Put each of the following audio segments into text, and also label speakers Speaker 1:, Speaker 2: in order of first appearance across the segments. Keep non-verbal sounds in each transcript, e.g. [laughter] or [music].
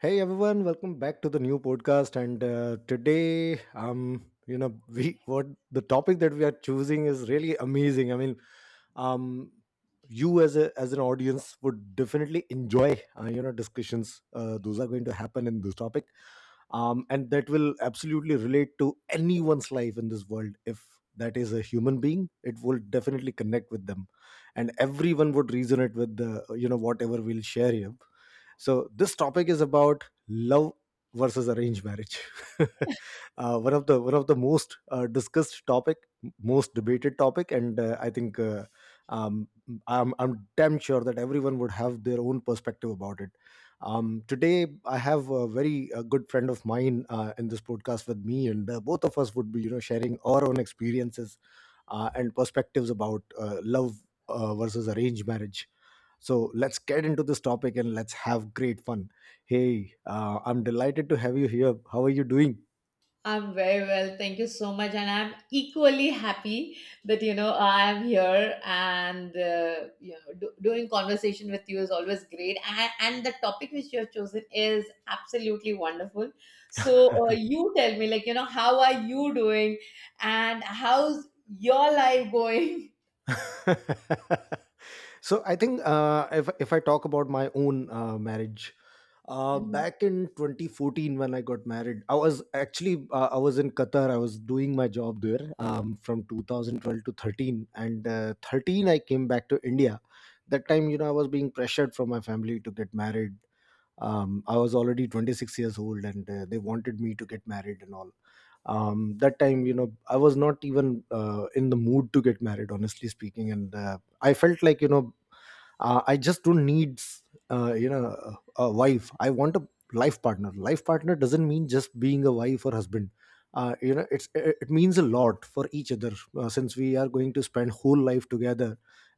Speaker 1: Hey everyone, welcome back to the new podcast. And today, [laughs] we what the topic that we are choosing is really amazing. Um, you as a as an audience would definitely enjoy, discussions. Those are going to happen in this topic, and that will absolutely relate to anyone's life in this world. If that is a human being, it will definitely connect with them, and everyone would resonate with the you know whatever we'll share here. So this topic is about love versus arranged marriage. [laughs] One of the most discussed topic, most debated topic, and I think um, I'm damn sure that everyone would have their own perspective about it. Today, I have a very good friend of mine in this podcast with me, and both of us would be sharing our own experiences and perspectives about love versus arranged marriage. So let's get into this topic and let's have great fun. Hey, I'm delighted to have you here. How are you doing?
Speaker 2: I'm very well. Thank you so much. And I'm equally happy that, I'm here and doing conversation with you is always great. And the topic which you have chosen is absolutely wonderful. So you tell me, like, how are you doing and how's your life going? [laughs]
Speaker 1: [laughs] So I think if I talk about my own marriage,
Speaker 2: Mhm.
Speaker 1: back in 2014 when I got married, I was actually I was in Qatar. I was doing my job there from 2012 to 13, and 13 I came back to India. That time, you know, I was being pressured from my family to get married. I was already 26 years old and they wanted me to get married and all. That time, you know, I was not even in the mood to get married, honestly speaking. And I felt like, you know, I just don't need uh, you know a a wife. I want a life partner. Life partner doesn't mean just being a wife or husband. You know, it means a lot for each other, since we are going to spend whole life together.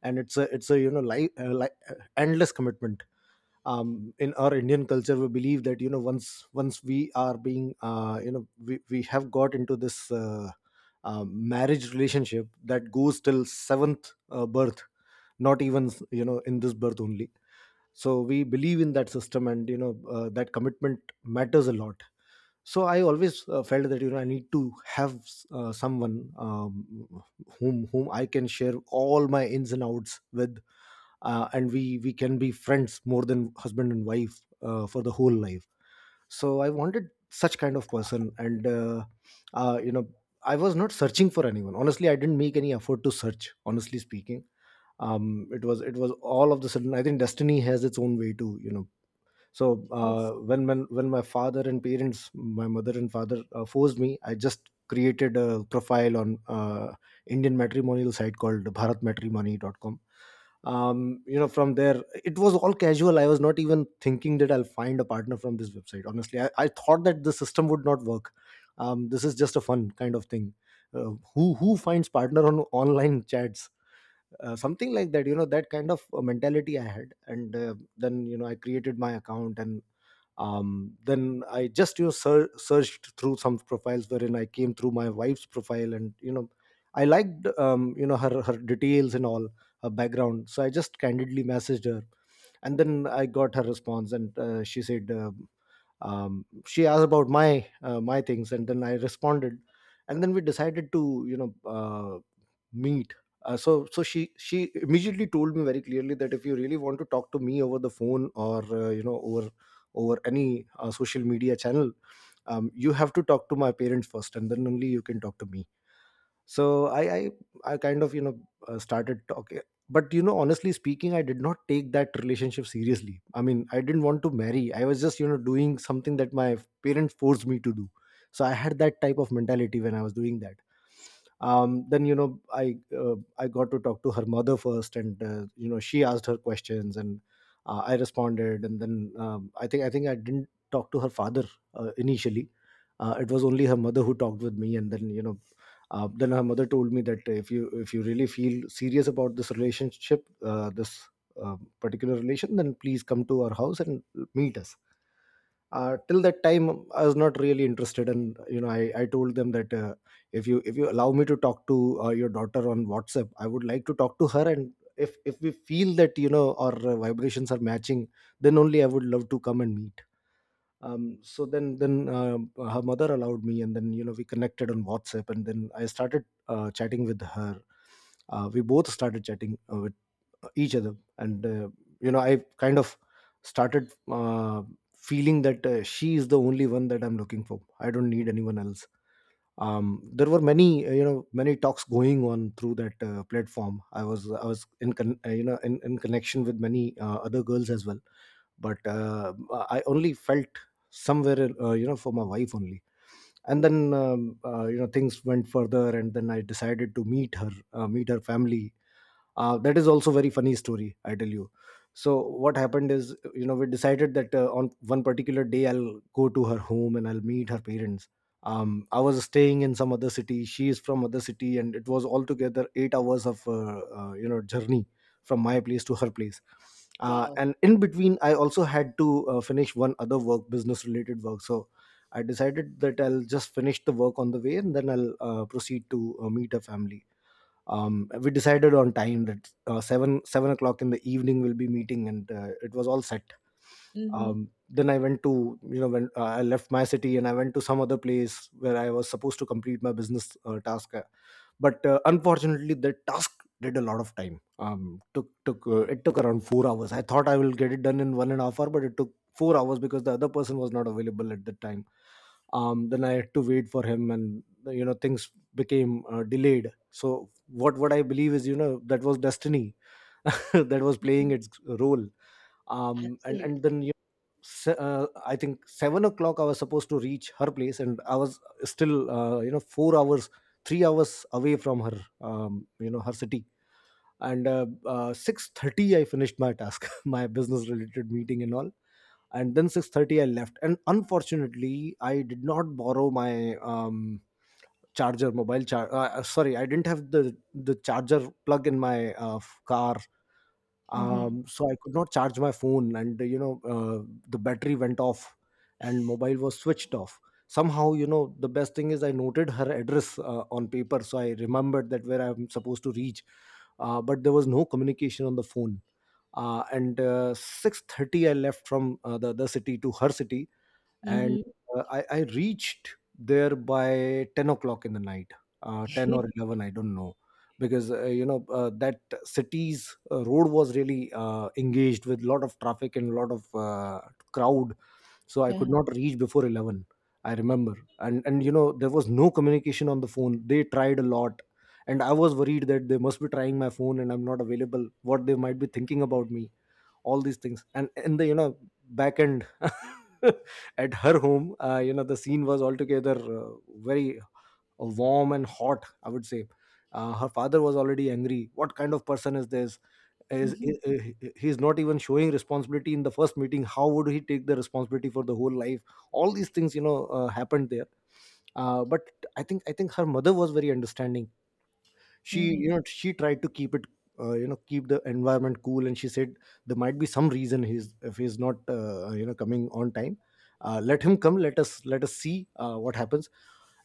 Speaker 1: And it's a you know life endless commitment. In our Indian culture, we believe that, you know, once we are being, you know, we have got into this marriage relationship, that goes till seventh birth, not even you know in this birth only. So we believe in that system, and you know that commitment matters a lot. So I always felt that, you know, I need to have someone whom I can share all my ins and outs with, and we can be friends more than husband and wife for the whole life. So I wanted such kind of person. And uh, you know I was not searching for anyone, honestly. I didn't make any effort to search, honestly speaking. It was all of the sudden. I think destiny has its own way too, you know. So
Speaker 2: Yes.
Speaker 1: when my father and parents, my mother and father, forced me, I just created a profile on Indian matrimonial site called bharatmatrimony.com. You know, from there it was all casual. I was not even thinking that I'll find a partner from this website, honestly. I thought that the system would not work. This is just a fun kind of thing. Who finds partner on online chats, something like that, you know. That kind of mentality I had. And then, you know, I created my account. And then I just, you know, searched through some profiles, wherein I came through my wife's profile. And you know, I liked, you know, her details and all, her background. So I just candidly messaged her. And then I got her response. And she said, she asked about my my things, and then I responded. And then we decided to, you know, meet. She immediately told me very clearly that if you really want to talk to me over the phone or, you know, over over any social media channel, you have to talk to my parents first, and then only you can talk to me. So I kind of, you know, started talking. But you know, honestly speaking, I did not take that relationship seriously. I mean, I didn't want to marry. I was just, you know, doing something that my parents forced me to do. So I had that type of mentality when I was doing that. Then, you know, I got to talk to her mother first. And you know, she asked her questions, and I responded. And then, I think I didn't talk to her father initially. It was only her mother who talked with me. And then, you know, then her mother told me that if you, really feel serious about this relationship, this particular relation, then please come to our house and meet us. Till that time, I was not really interested. And you know, I told them that, if you, allow me to talk to your daughter on WhatsApp, I would like to talk to her, and if we feel that, you know, our vibrations are matching, then only I would love to come and meet. Um, so then then uh, her mother allowed me. And then, you know, we connected on WhatsApp, and then I started chatting with her. We both started chatting with each other. And you know, I kind of started feeling that she is the only one that I'm looking for. I don't need anyone else. There were many, you know, many talks going on through that platform. I was you know, in connection with many other girls as well. But I only felt somewhere, you know, for my wife only. And then you know, things went further. And then I decided to meet her, meet her family. That is also very funny story, I tell you. So what happened is, you know, we decided that on one particular day I'll go to her home and I'll meet her parents. I was staying in some other city, she is from other city, and it was altogether 8 hours of you know journey from my place to her place.
Speaker 2: Wow.
Speaker 1: And in between, I also had to finish one other work, business related work. So I decided that I'll just finish the work on the way and then I'll proceed to meet her family. We decided on time that seven o'clock in the evening we'll be meeting, and it was all set.
Speaker 2: Mm-hmm.
Speaker 1: Then I went to, you know, when I left my city and I went to some other place where I was supposed to complete my business task. But Unfortunately, the task did a lot of time. Took took it took around 4 hours. I thought I will get it done in one and a half hour, but it took 4 hours because the other person was not available at the time. Then I had to wait for him, and you know, things became delayed. So what I believe is, you know, that was destiny [laughs] that was playing its role. And
Speaker 2: Absolutely.
Speaker 1: then you se- I think 7 o'clock I was supposed to reach her place, and I was still, you know, 4 hours, 3 hours away from her, you know, her city. And 6:30 I finished my task, [laughs] my business related meeting and all. And then 6:30 I left. And unfortunately, I did not borrow my charger, mobile charger. Sorry, I didn't have the charger plug in my car.
Speaker 2: Mm-hmm.
Speaker 1: So I could not charge my phone, and you know, the battery went off, and mobile was switched off. Somehow, you know, the best thing is I noted her address on paper, so I remembered that where I'm supposed to reach. But there was no communication on the phone. And 6:30, I left from the other city to her city, and
Speaker 2: Mm-hmm.
Speaker 1: I reached there by 10 o'clock in the night, 10 or 11, I don't know, because that city's road was really engaged with lot of traffic and lot of crowd, so I
Speaker 2: [laughs] Yeah.
Speaker 1: could not reach before 11, I remember. And you know there was no communication on the phone. They tried a lot, and I was worried that they must be trying my phone and I'm not available. What they might be thinking about me, all these things, and in the back end [laughs] at her home. The scene was altogether very warm and hot, I would say. Her father was already angry. What kind of person is this? Is,
Speaker 2: Mm-hmm.
Speaker 1: is, is he's not even showing responsibility in the first meeting? How would he take the responsibility for the whole life? All these things, you know, happened there. But I think her mother was very understanding. She, you
Speaker 2: Mm-hmm.
Speaker 1: know, she tried to keep it, keep the environment cool, and she said there might be some reason. He's, if he's not, coming on time, let him come, let us see what happens.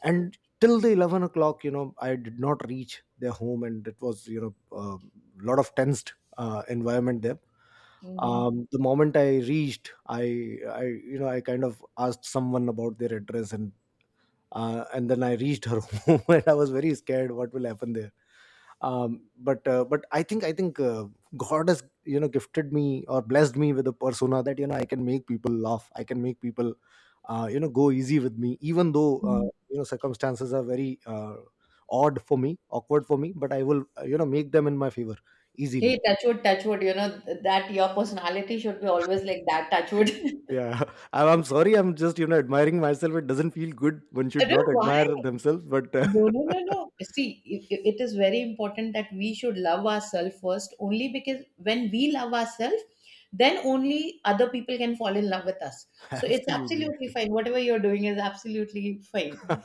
Speaker 1: And till the 11 o'clock, you know, I did not reach their home, and it was, you know, a lot of tensed environment there.
Speaker 2: Mm-hmm.
Speaker 1: The moment I reached, I you know I kind of asked someone about their address, and then I reached her [laughs] home, and I was very scared what will happen. But I think God has, you know, gifted me or blessed me with a persona that, you know, I can make people laugh, I can make people go easy with me, even though circumstances are very odd for me, awkward for me, but I will, make them in my favor easily.
Speaker 2: Hey, touchwood, touchwood. You know that your personality should be always like that. Touchwood. [laughs]
Speaker 1: Yeah. [laughs] I'm sorry, I'm just, you know, admiring myself. It doesn't feel good, one
Speaker 2: I
Speaker 1: should
Speaker 2: don't
Speaker 1: not
Speaker 2: know why.
Speaker 1: admire themselves, but
Speaker 2: No, no, no,
Speaker 1: [laughs]
Speaker 2: no. See, it is very important that we should love ourselves first, only because when we love ourselves, then only other people can fall in love with us. So it's
Speaker 1: absolutely.
Speaker 2: absolutely fine. Whatever you're doing is absolutely fine.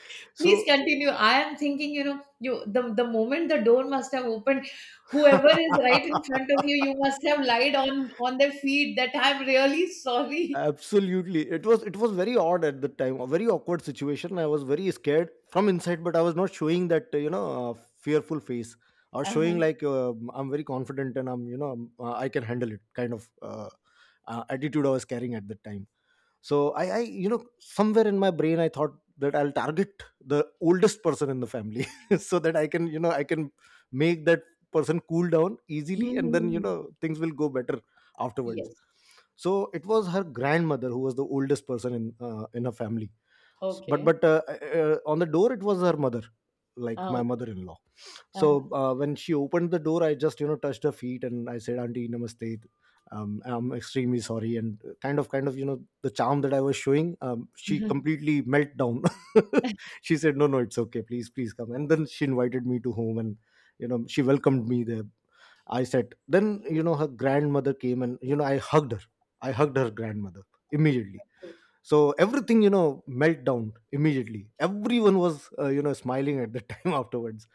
Speaker 1: [laughs]
Speaker 2: Please
Speaker 1: So
Speaker 2: continue. I am thinking, the moment the door must have opened, whoever is right in front of you, you must have
Speaker 1: [laughs]
Speaker 2: lied on their feet that I'm really sorry.
Speaker 1: absolutely. It was, it was very odd at the time, a very awkward situation. I was very scared from inside, but I was not showing that, fearful face, or showing
Speaker 2: Uh-huh.
Speaker 1: like, I'm very confident, and I'm, you know, I can handle it kind of attitude I was carrying at the time. So i i you know, somewhere in my brain, I thought that I'll target the oldest person in the family, [laughs] so that I can, you know, I can make that person cool down easily, and then, you
Speaker 2: Mhm.
Speaker 1: know, things will go better afterwards.
Speaker 2: Yes.
Speaker 1: So it was her grandmother who was the oldest person in, in her family. S- but
Speaker 2: Okay.
Speaker 1: but uh, uh, uh, on the door it was her mother, like
Speaker 2: Ah,
Speaker 1: my
Speaker 2: okay.
Speaker 1: mother-in-law.
Speaker 2: Uh-huh.
Speaker 1: So when she opened the door, I just, you know, touched her feet and I said, "Auntie, namaste. I'm extremely sorry," and kind of you know, the charm that I was showing, she
Speaker 2: [laughs]
Speaker 1: completely melt down. [laughs] She said, "No, no, it's okay, please, please, come." And then she invited me to home, and you know, she welcomed me there. I said, then you know her grandmother came, and you know, I hugged her. I hugged her grandmother immediately. So everything, you know, melt down immediately. Everyone was, smiling at the [laughs] time afterwards.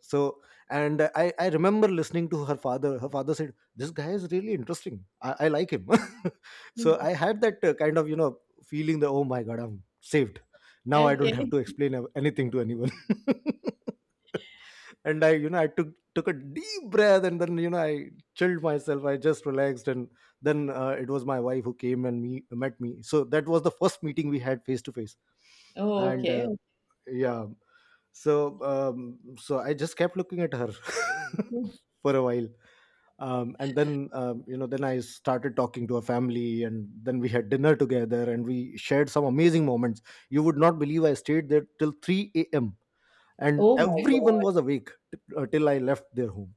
Speaker 1: So and I remember listening to her father. Her father said, "This guy is really interesting, I like him." [laughs] So
Speaker 2: Mhm.
Speaker 1: I had that kind of, you know, feeling that, oh my god, I'm saved. Now I don't have
Speaker 2: Okay.
Speaker 1: to explain anything to anyone. [laughs] And I you know I took, took a deep breath, and then, you know, I chilled myself. I just relaxed, and then it was my wife who came and me, met me. So that was the first meeting we had face to face.
Speaker 2: Oh,
Speaker 1: And
Speaker 2: okay.
Speaker 1: yeah. So so I just kept looking at her
Speaker 2: Okay.
Speaker 1: [laughs] for a while. And then, then I started talking to her family, and then we had dinner together, and we shared some amazing moments. You would not believe, I stayed there till 3 a.m., and
Speaker 2: Oh my
Speaker 1: everyone
Speaker 2: God.
Speaker 1: was awake, till I left their home.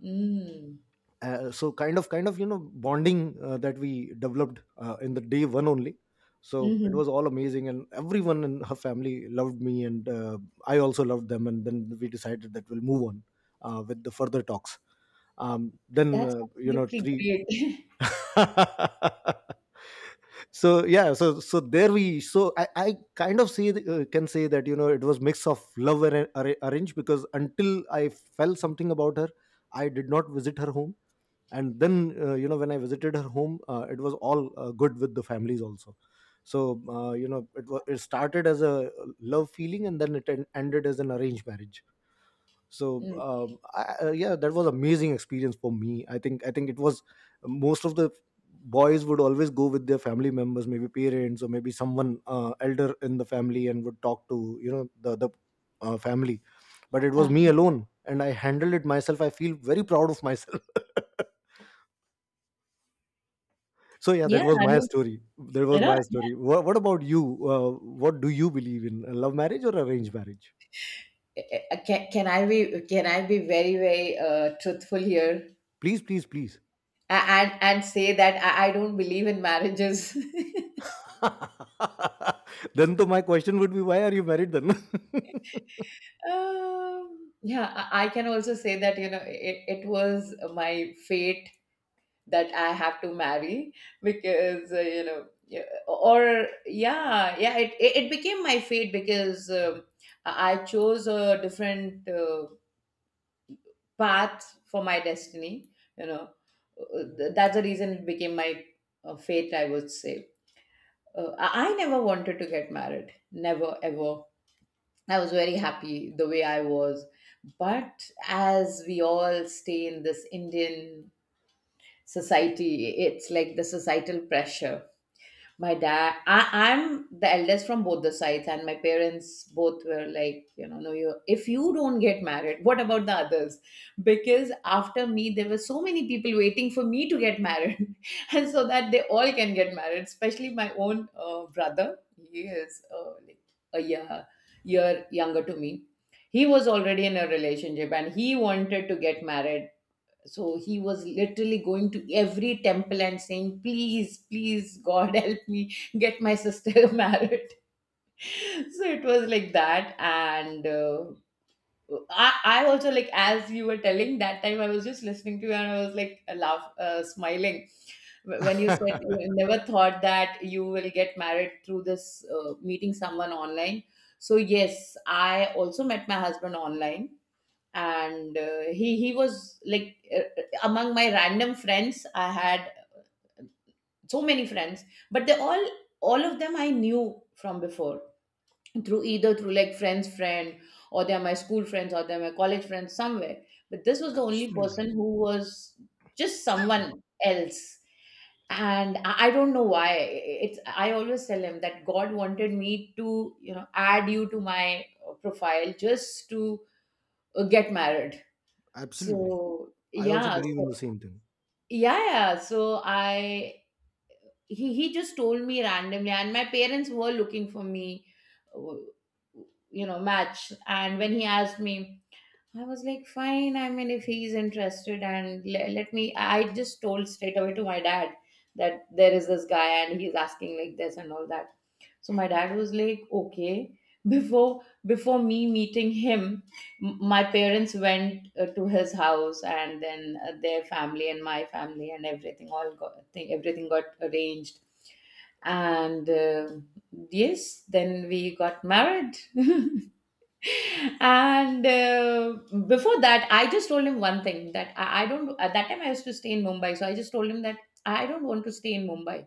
Speaker 2: Mm.
Speaker 1: So kind of you know, bonding that we developed in the day one only. So it
Speaker 2: hmm
Speaker 1: was all amazing, and everyone in her family loved me, and I also loved them, and then we decided that we'll move on with the further talks. Then,
Speaker 2: That's absolutely
Speaker 1: three
Speaker 2: great. [laughs]
Speaker 1: [laughs] so yeah, so there we, so I kind of say, can say that, you know, it was mix of love and arrange, because until I felt something about her, I did not visit her home. And then, when I visited her home, it was all good with the families also. So it was, it started as a love feeling, and then it ended as an arranged marriage. So
Speaker 2: Mm.
Speaker 1: yeah, that was amazing experience for me. I think it was, most of the boys would always go with their family members, maybe parents or maybe someone elder in the family, and would talk to, you know, the family. But it was
Speaker 2: Uh,
Speaker 1: me alone, and I handled it myself. I feel very proud of myself. [laughs] So yeah, that
Speaker 2: yeah,
Speaker 1: was
Speaker 2: I
Speaker 1: my
Speaker 2: mean,
Speaker 1: story. That
Speaker 2: you
Speaker 1: was
Speaker 2: know,
Speaker 1: my story. What about you? What do you believe in? A love marriage or arranged marriage?
Speaker 2: can I be very very truthful here?
Speaker 1: Please, please, please.
Speaker 2: And say that I don't believe in marriages. [laughs]
Speaker 1: [laughs] Then to my question would be, why are you married then?
Speaker 2: Yeah, I can also say that it was my fate that I have to marry because yeah, or yeah yeah it became my fate because I chose a different path for my destiny. you know that's the reason it became my fate, I would say. I never wanted to get married, never ever. I was very happy the way I was, but as we all stay in this Indian society, it's like the societal pressure. I'm the eldest from both the sides, and my parents both were like, no, you, if you don't get married, what about the others? Because after me there were so many people waiting for me to get married [laughs] and so that they all can get married, especially my own brother. He is like a year younger to me. He was already in a relationship and he wanted to get married, so he was literally going to every temple and saying, please please god, [laughs] help me get my sister [laughs] married. So it was like that. And I also, like, as you were telling, that time I was just listening to you and I was like laugh smiling. When you said
Speaker 1: [laughs]
Speaker 2: you never thought that you will get married through this meeting someone online. So yes, I also met my husband online. And he was like, among my random friends. I had so many friends, but they all of them I knew from before, through either through like friends friend, or they're my school friends, or they're my college friends somewhere. But this was the only
Speaker 1: Absolutely,
Speaker 2: person who was just someone else. And I don't know why. It's I always tell him that god wanted me to add you to my profile just to get married. So
Speaker 1: absolutely. I also
Speaker 2: yeah,
Speaker 1: believe
Speaker 2: so
Speaker 1: in the same thing.
Speaker 2: yeah, yeah. So I he just told me randomly, and my parents were looking for me, uh, match. And when he asked me, I was like, fine. I mean, if he's interested, and let me. I just told straight away to my dad that there is this guy and he's asking like this and all that. So my dad was like, okay. Before me meeting him, my parents went to his house, and then their family and my family and everything everything got arranged. And yes, then we got married. [laughs] And before that, I just told him one thing, that I don't. At that time, I used to stay in Mumbai, so I just told him that I don't want to stay in Mumbai.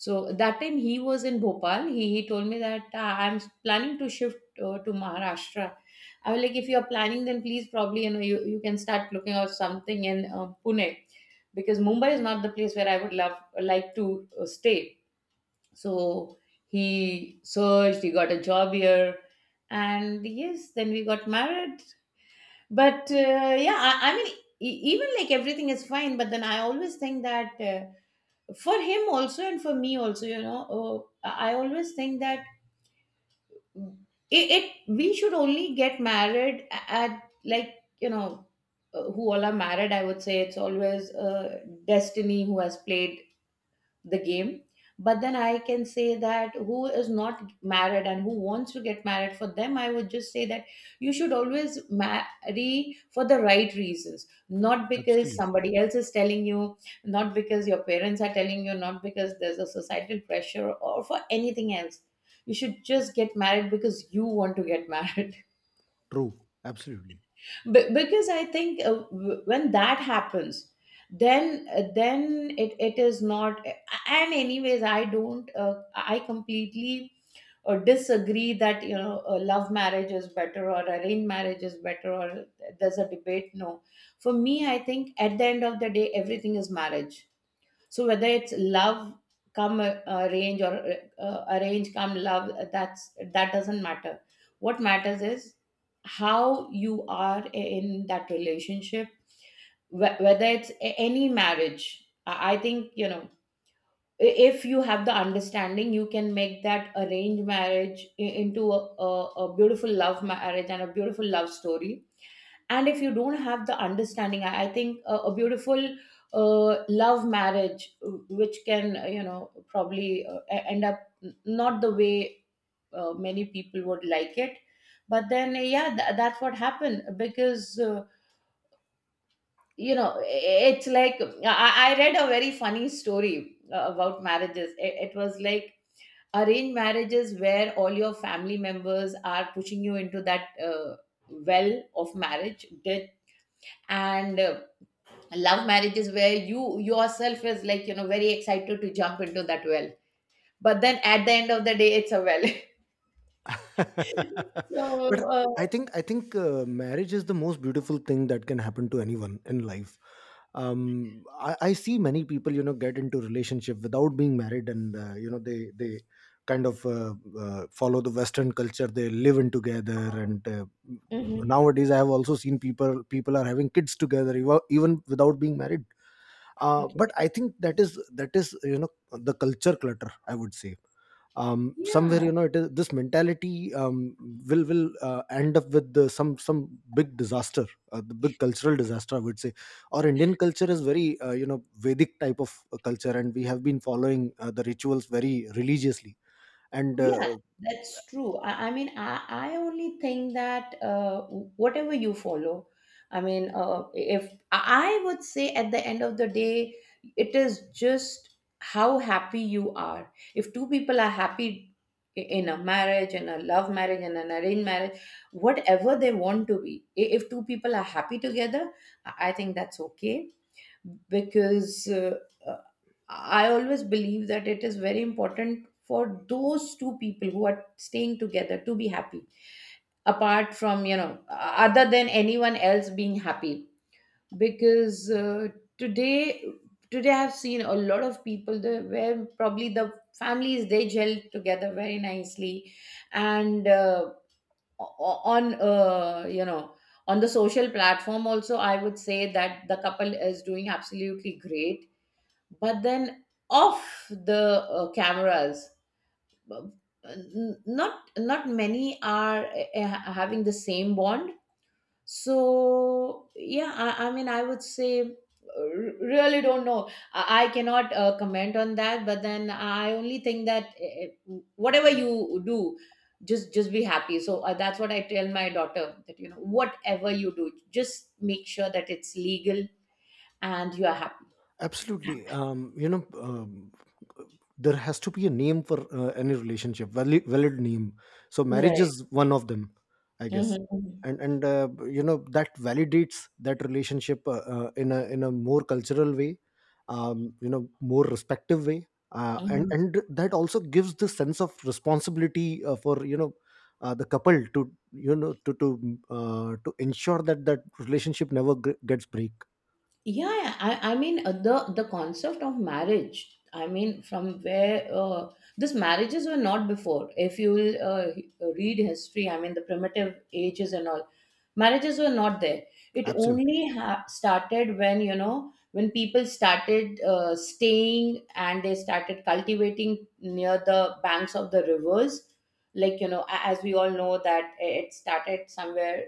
Speaker 2: So that time he was in Bhopal. He told me that, "Ah, I'm planning to shift to Maharashtra." I was like, if you're planning, then please probably you can start looking out something in Pune, because Mumbai is not the place where I would love like to stay. So he searched. He got a job here, and yes, then we got married. But yeah, I mean, even, like, everything is fine. But then I always think that. For him also and for me also, I always think that, it we should only get married at, like, who all are married. I would say it's always destiny who has played the game. But then I can say that, who is not married and who wants to get married, for them I would just say that, you should always marry for the right reasons, not because
Speaker 1: Absolutely,
Speaker 2: somebody else is telling you, not because your parents are telling you, not because there's a societal pressure or for anything else. You should just get married because you want to get [laughs] married.
Speaker 1: true. Absolutely.
Speaker 2: Because I think, when that happens, then it is not. And anyways, I don't I completely disagree that, love marriage is better or arranged marriage is better, or there's a debate. No, for me, I think at the end of the day, everything is marriage. So whether it's love come arrange or arrange come love, that doesn't matter. What matters is how you are in that relationship. Whether it's any marriage, I think, if you have the understanding, you can make that arranged marriage into a, a beautiful love marriage and a beautiful love story. And if you don't have the understanding, I think a beautiful love marriage, which can, probably, end up not the way many people would like it. But then yeah, that's what happened because, you know it's like, I read a very funny story about marriages. It was like, arranged marriages where all your family members are pushing you into that well of marriage did and love marriage is where you yourself is like, very excited to jump into that well. But then at the end of the day, it's a well.
Speaker 1: [laughs]
Speaker 2: [laughs]
Speaker 1: But
Speaker 2: So
Speaker 1: I think marriage is the most beautiful thing that can happen to anyone in life. I see many people, you know, get into relationship without being married, and they kind of follow the western culture, they live in together, and
Speaker 2: mhm.
Speaker 1: nowadays I have also seen people are having kids together, even without being married.
Speaker 2: Okay.
Speaker 1: But I think that is, that is, you know, the culture clutter, I would say. Somewhere,
Speaker 2: Yeah.
Speaker 1: you know, it is this mentality, will end up with the, some big disaster, the big cultural disaster, I would say. Our Indian culture is very, vedic type of culture, and we have been following the rituals very religiously, and
Speaker 2: Yeah, that's true. I mean, I only think that, whatever you follow, I mean, if I would say at the end of the day, it is just how happy you are. If two people are happy, in a marriage, in a love marriage, in an arranged marriage, whatever they want to be, if two people are happy together, I think that's okay. Because uh, I always believe that it is very important for those two people who are staying together to be happy, apart from, other than anyone else being happy. Because today, today I've seen a lot of people, where probably the families they gel together very nicely, and o- on you know on the social platform also, I would say that the couple is doing absolutely great, but then off the cameras, uh, not many are having the same bond. So yeah, I mean, I would say, really don't know. I cannot comment on that, but then I only think that, whatever you do, just be happy. So that's what I tell my daughter, that, whatever you do, just make sure that it's legal and you are happy.
Speaker 1: absolutely. There has to be a name for, any relationship, valid, valid name. So marriage
Speaker 2: Right.
Speaker 1: is one of them, I guess.
Speaker 2: Mhm.
Speaker 1: And you know, that validates that relationship, in a, in a more cultural way, more respective way. Uh, and
Speaker 2: Mhm.
Speaker 1: and that also gives the sense of responsibility, for, you know, the couple to, you know, to ensure that that relationship never gets break.
Speaker 2: Yeah, yeah. I mean the concept of marriage, I mean, from where these marriages were not before, if you will, read history. I mean the primitive ages and all, marriages were not there. It
Speaker 1: Absolutely.
Speaker 2: only started when, you know, when people started staying and they started cultivating near the banks of the rivers. Like, you know, as we all know that it started somewhere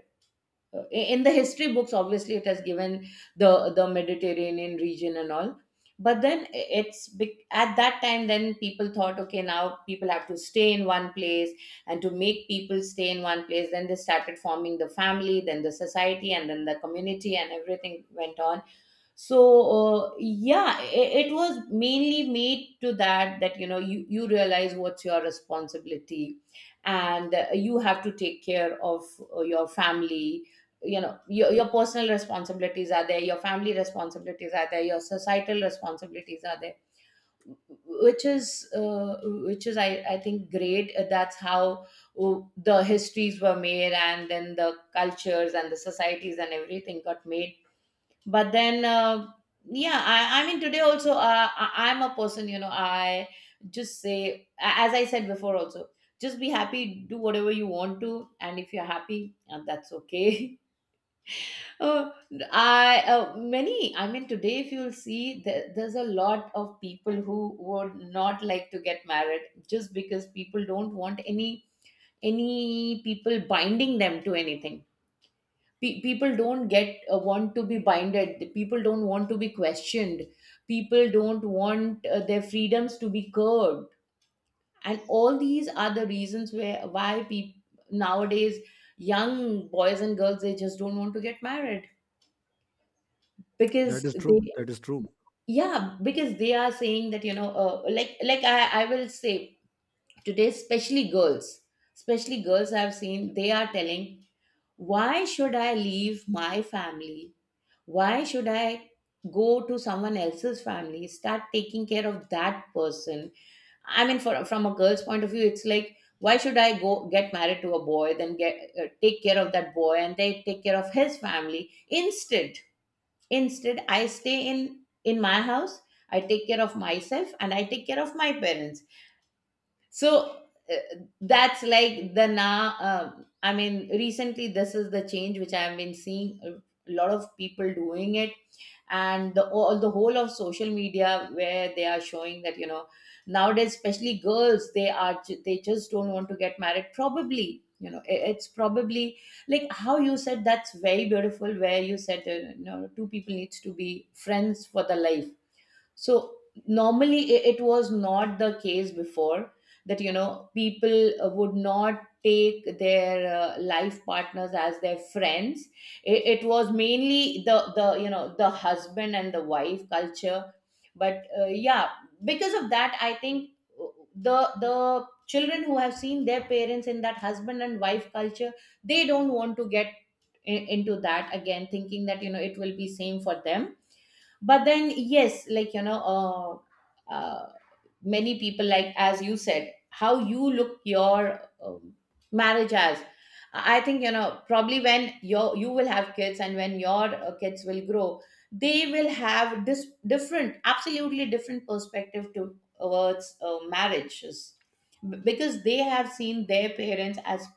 Speaker 2: uh, in the history books. Obviously it has given the the Mediterranean region and all. But then it's at that time then people thought, okay, now people have to stay in one place, and to make people stay in one place, then they started forming the family, then the society, and then the community, and everything went on. So yeah, it was mainly made to that, that, you know, you realize what's your responsibility, and you have to take care of your family. You know, your personal responsibilities are there, your family responsibilities are there, your societal responsibilities are there, which is which is I think great. That's how the histories were made, and then the cultures and the societies and everything got made. But then yeah, I mean today also, I'm a person, you know, I just say, as I said before also, just be happy, do whatever you want to, and if you're happy, that's okay. [laughs] uh, I Many, I mean, today if you'll see, there's a lot of people who would not like to get married, just because people don't want any people binding them to anything. People don't get want to be binded, people don't want to be questioned, people don't want their freedoms to be curbed, and all these are the reasons where why people nowadays, young boys and girls, they just don't want to get married
Speaker 1: That
Speaker 2: because
Speaker 1: is true.
Speaker 2: they...
Speaker 1: That is true.
Speaker 2: Yeah, because they are saying that, you know, like I will say today, especially girls, especially girls, I've seen, they are telling, why should I leave my family, why should I go to someone else's family, start taking care of that person? I mean, from a girl's point of view, it's like, why should I go get married to a boy, then get take care of that boy and they take care of his family? Instead, instead I stay in my house, I take care of myself and I take care of my parents. So uh, that's like the now, um, I mean recently, this is the change which I have been seeing, a lot of people doing it. And the all the whole of social media where they are showing that, you know, nowadays especially girls, they are they just don't want to get married. Probably, you know, it's probably like how you said, that's very beautiful, where you said, you know, two people needs to be friends for the life. So normally, it was not the case before that, you know, people would not take their life partners as their friends. It was mainly the you know, the husband and the wife culture. But yeah, because of that, I think uh, the children who have seen their parents in that husband and wife culture, they don't want to get into that again, thinking that, you know, it will be same for them. But then yes, like, you know, uh, uh, many people, like as you said, how you look your marriage as, I think, you know, probably when your, you will have kids, and when your kids will grow, they will have this different, absolutely different perspective towards marriages. Because they have seen their parents as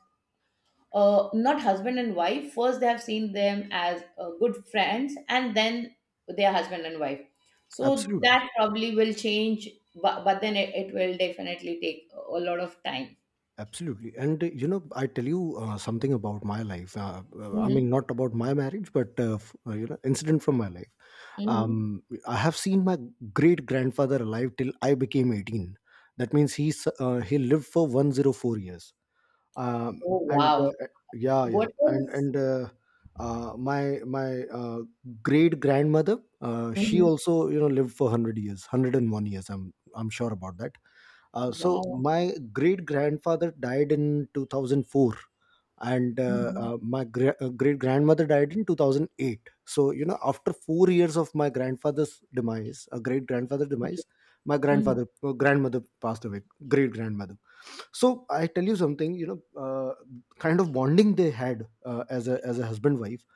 Speaker 2: not husband and wife. First, they have seen them as good friends, and then they are husband and wife. So
Speaker 1: Absolutely.
Speaker 2: that probably will change, but then it will definitely take a lot of time.
Speaker 1: Absolutely. And, you know, I tell you something about my life. I mean,
Speaker 2: Hmm.
Speaker 1: not about my marriage, but, you know, incident from my life.
Speaker 2: Hmm.
Speaker 1: I have seen my great grandfather alive till I became 18. That means he's, he lived for 104 years. Um,
Speaker 2: Oh,
Speaker 1: and,
Speaker 2: wow.
Speaker 1: uh, yeah, yeah.
Speaker 2: What is...
Speaker 1: And, my my great grandmother, she
Speaker 2: Mhm.
Speaker 1: also, you know, lived for 100 years, 101 years. I'm sure about that. So
Speaker 2: Wow.
Speaker 1: my great grandfather died in 2004, and uh,
Speaker 2: Mhm.
Speaker 1: uh, my gra- uh, great grandmother died in 2008. So you know, after 4 years of my grandfather's demise, a great grandfather
Speaker 2: Okay.
Speaker 1: demise, my
Speaker 2: Mhm.
Speaker 1: grandfather, grandmother passed away, great grandmother. So I tell you something, you know, kind of bonding they had as a, as a husband wife.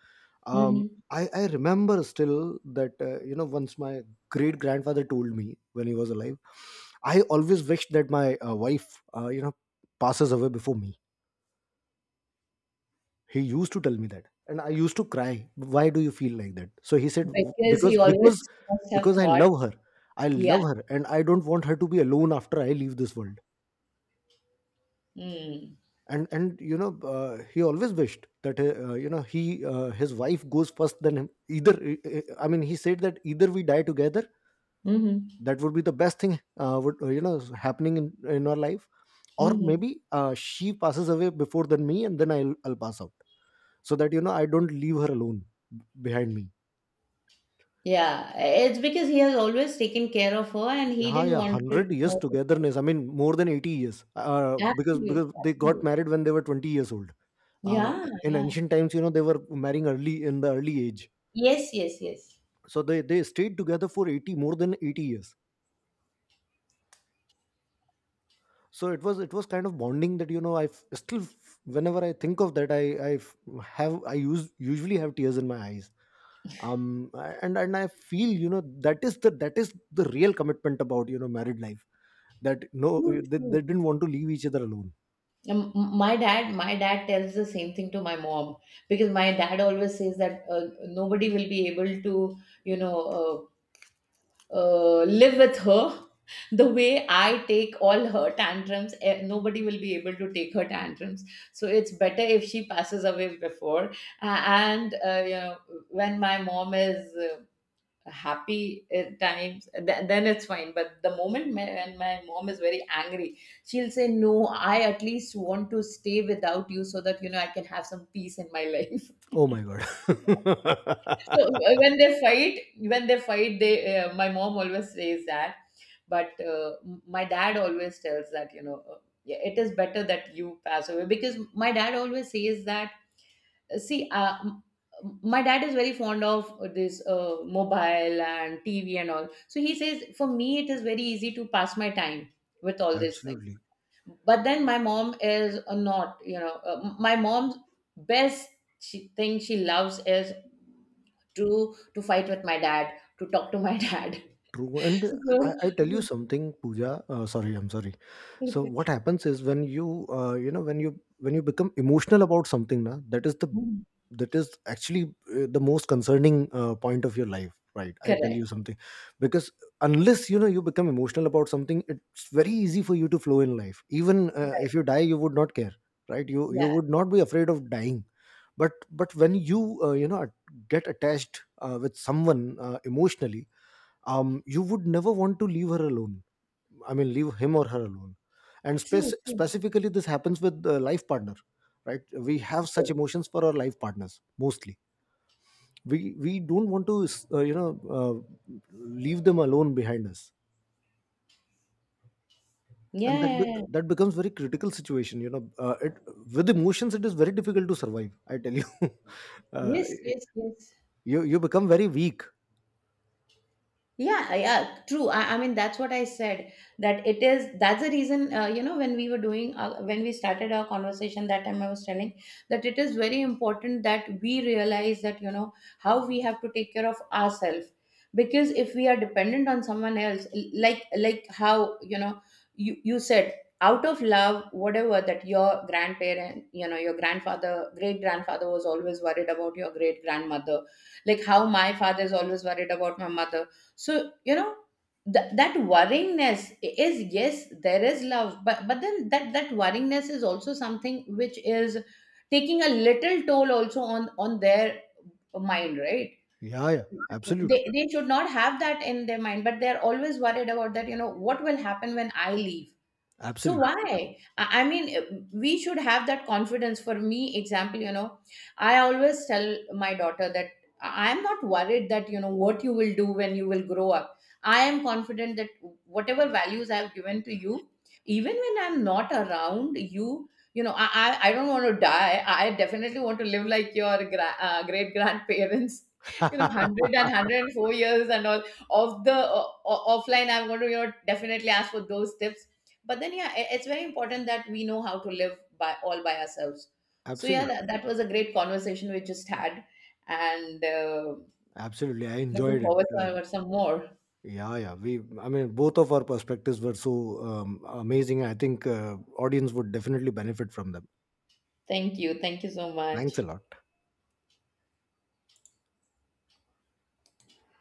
Speaker 1: um,
Speaker 2: Mhm.
Speaker 1: I remember still that, once my great grandfather told me when he was alive, I always wished that my, wife, passes away before me. He used to tell me that, and I used to cry, why do you feel like that? So he said,
Speaker 2: Because he
Speaker 1: because
Speaker 2: always
Speaker 1: because
Speaker 2: must have
Speaker 1: because I
Speaker 2: thought,
Speaker 1: love her. I
Speaker 2: yeah.
Speaker 1: love her, and I don't want her to be alone after I leave this world."
Speaker 2: Mm.
Speaker 1: And you know, he always wished that, he, his wife goes first than him. Either I mean, he said that either we die together,
Speaker 2: Hmm.
Speaker 1: that would be the best thing, would you know happening in our life. Or
Speaker 2: Hmm.
Speaker 1: maybe, she passes away before than me, and then I'll pass out, so that, you know, I don't leave her alone behind me.
Speaker 2: Yeah, it's because he has always taken care of her and he
Speaker 1: Yeah,
Speaker 2: didn't
Speaker 1: yeah,
Speaker 2: want
Speaker 1: 100 years
Speaker 2: her...
Speaker 1: togetherness, I mean more than 80 years, uh, because
Speaker 2: Absolutely,
Speaker 1: because they got
Speaker 2: absolutely.
Speaker 1: married when they were 20 years old. uh,
Speaker 2: Yeah,
Speaker 1: in
Speaker 2: yeah.
Speaker 1: ancient times, you know, they were marrying early in the early age.
Speaker 2: Yes, yes, yes.
Speaker 1: So they stayed together for 80, more than 80 years. So it was, it was kind of bonding that, you know, I f- still f- whenever I think of that, I f- have I use usually have tears in my eyes. um and I feel, you know, that is the, that is the real commitment about, you know, married life. That no,
Speaker 2: True, true.
Speaker 1: they didn't want to leave each other alone.
Speaker 2: My dad tells the same thing to my mom, because my dad always says that nobody will be able to, you know, live with her [laughs] the way I take all her tantrums. Nobody will be able to take her tantrums. So it's better if she passes away before. And you know, when my mom is happy times, then it's fine, but the moment when my mom is very angry, she'll say, no, I at least want to stay without you, so that, you know, I can have some peace in my life. [laughs]
Speaker 1: Oh my god.
Speaker 2: So when they fight, when they fight, they, my mom always says that. But my dad always tells that, you know, yeah, it is better that you pass away, because my dad always says that, see, my dad is very fond of this mobile and TV and all, so he says, for me, it is very easy to pass my time with
Speaker 1: [laughs]
Speaker 2: all these things.
Speaker 1: Absolutely
Speaker 2: But then my mom is not, you know, my mom's best, she, thing she loves is to fight with my dad, to talk to my [laughs] dad.
Speaker 1: true. And
Speaker 2: So...
Speaker 1: I tell you something, Pooja. Sorry. So what happens is, when you, when you become emotional about something, na, that is the, that is actually the most concerning point of your life, right? I tell you
Speaker 2: Correct.
Speaker 1: something. Because, unless, you know, you become emotional about something, it's very easy for you to flow in life. Even, if you die, you would not care, right? You
Speaker 2: Yeah,
Speaker 1: would not be afraid of dying. but but when you, you know get attached, with someone, emotionally, you would never want to leave her alone. I mean, leave him or her alone. And
Speaker 2: true, true.
Speaker 1: specifically, this happens with the life partner, right? We have such
Speaker 2: Yes.
Speaker 1: emotions for our life partners mostly. We don't want to, leave them alone behind us,
Speaker 2: Yeah,
Speaker 1: and that
Speaker 2: yeah, yeah.
Speaker 1: that becomes very critical situation. You know, it, with emotions, it is very difficult to survive. I tell you, [laughs] uh,
Speaker 2: Yes, yes, yes.
Speaker 1: you, you become very weak.
Speaker 2: Yeah, yeah, true. I mean, that's what I said. That it is, that's the reason, you know, when we were doing, when we started our conversation that time, I was telling that it is very important that we realize that, you know, how we have to take care of ourselves. Because if we are dependent on someone else, like how, you know, you said, out of love, whatever that your grandparent, you know, your grandfather, great grandfather was always worried about your great grandmother, like how my father is always worried about my mother. So you know, that worryingness is, yes, there is love, but then that, that worryingness is also something which is taking a little toll also on their mind, right?
Speaker 1: Yeah, yeah, absolutely,
Speaker 2: They should not have that in their mind, but they're always worried about that, you know, what will happen when I leave. So
Speaker 1: absolutely,
Speaker 2: why? I mean, we should have that confidence. For me, example, you know, I always tell my daughter that I am not worried that, you know, what you will do when you will grow up. I am confident that whatever values I have given to you, even when I'm not around you, you know, I don't want to die. I definitely want to live like your great grandparents. [laughs] You know,
Speaker 1: [laughs]
Speaker 2: one hundred and four years and all of the offline. I'm going to, you know, definitely ask for those tips. But then yeah, it's very important that we know how to live by all by ourselves. So yeah,
Speaker 1: absolutely,
Speaker 2: that was a great conversation we just had. And
Speaker 1: absolutely. I
Speaker 2: looking
Speaker 1: enjoyed
Speaker 2: forward
Speaker 1: it. Uh,
Speaker 2: for some more.
Speaker 1: Yeah, yeah. We, I mean, both of our perspectives were so, amazing. I think audience would definitely benefit from them.
Speaker 2: Thank you, thank you so
Speaker 1: Thanks
Speaker 2: much.
Speaker 1: a lot.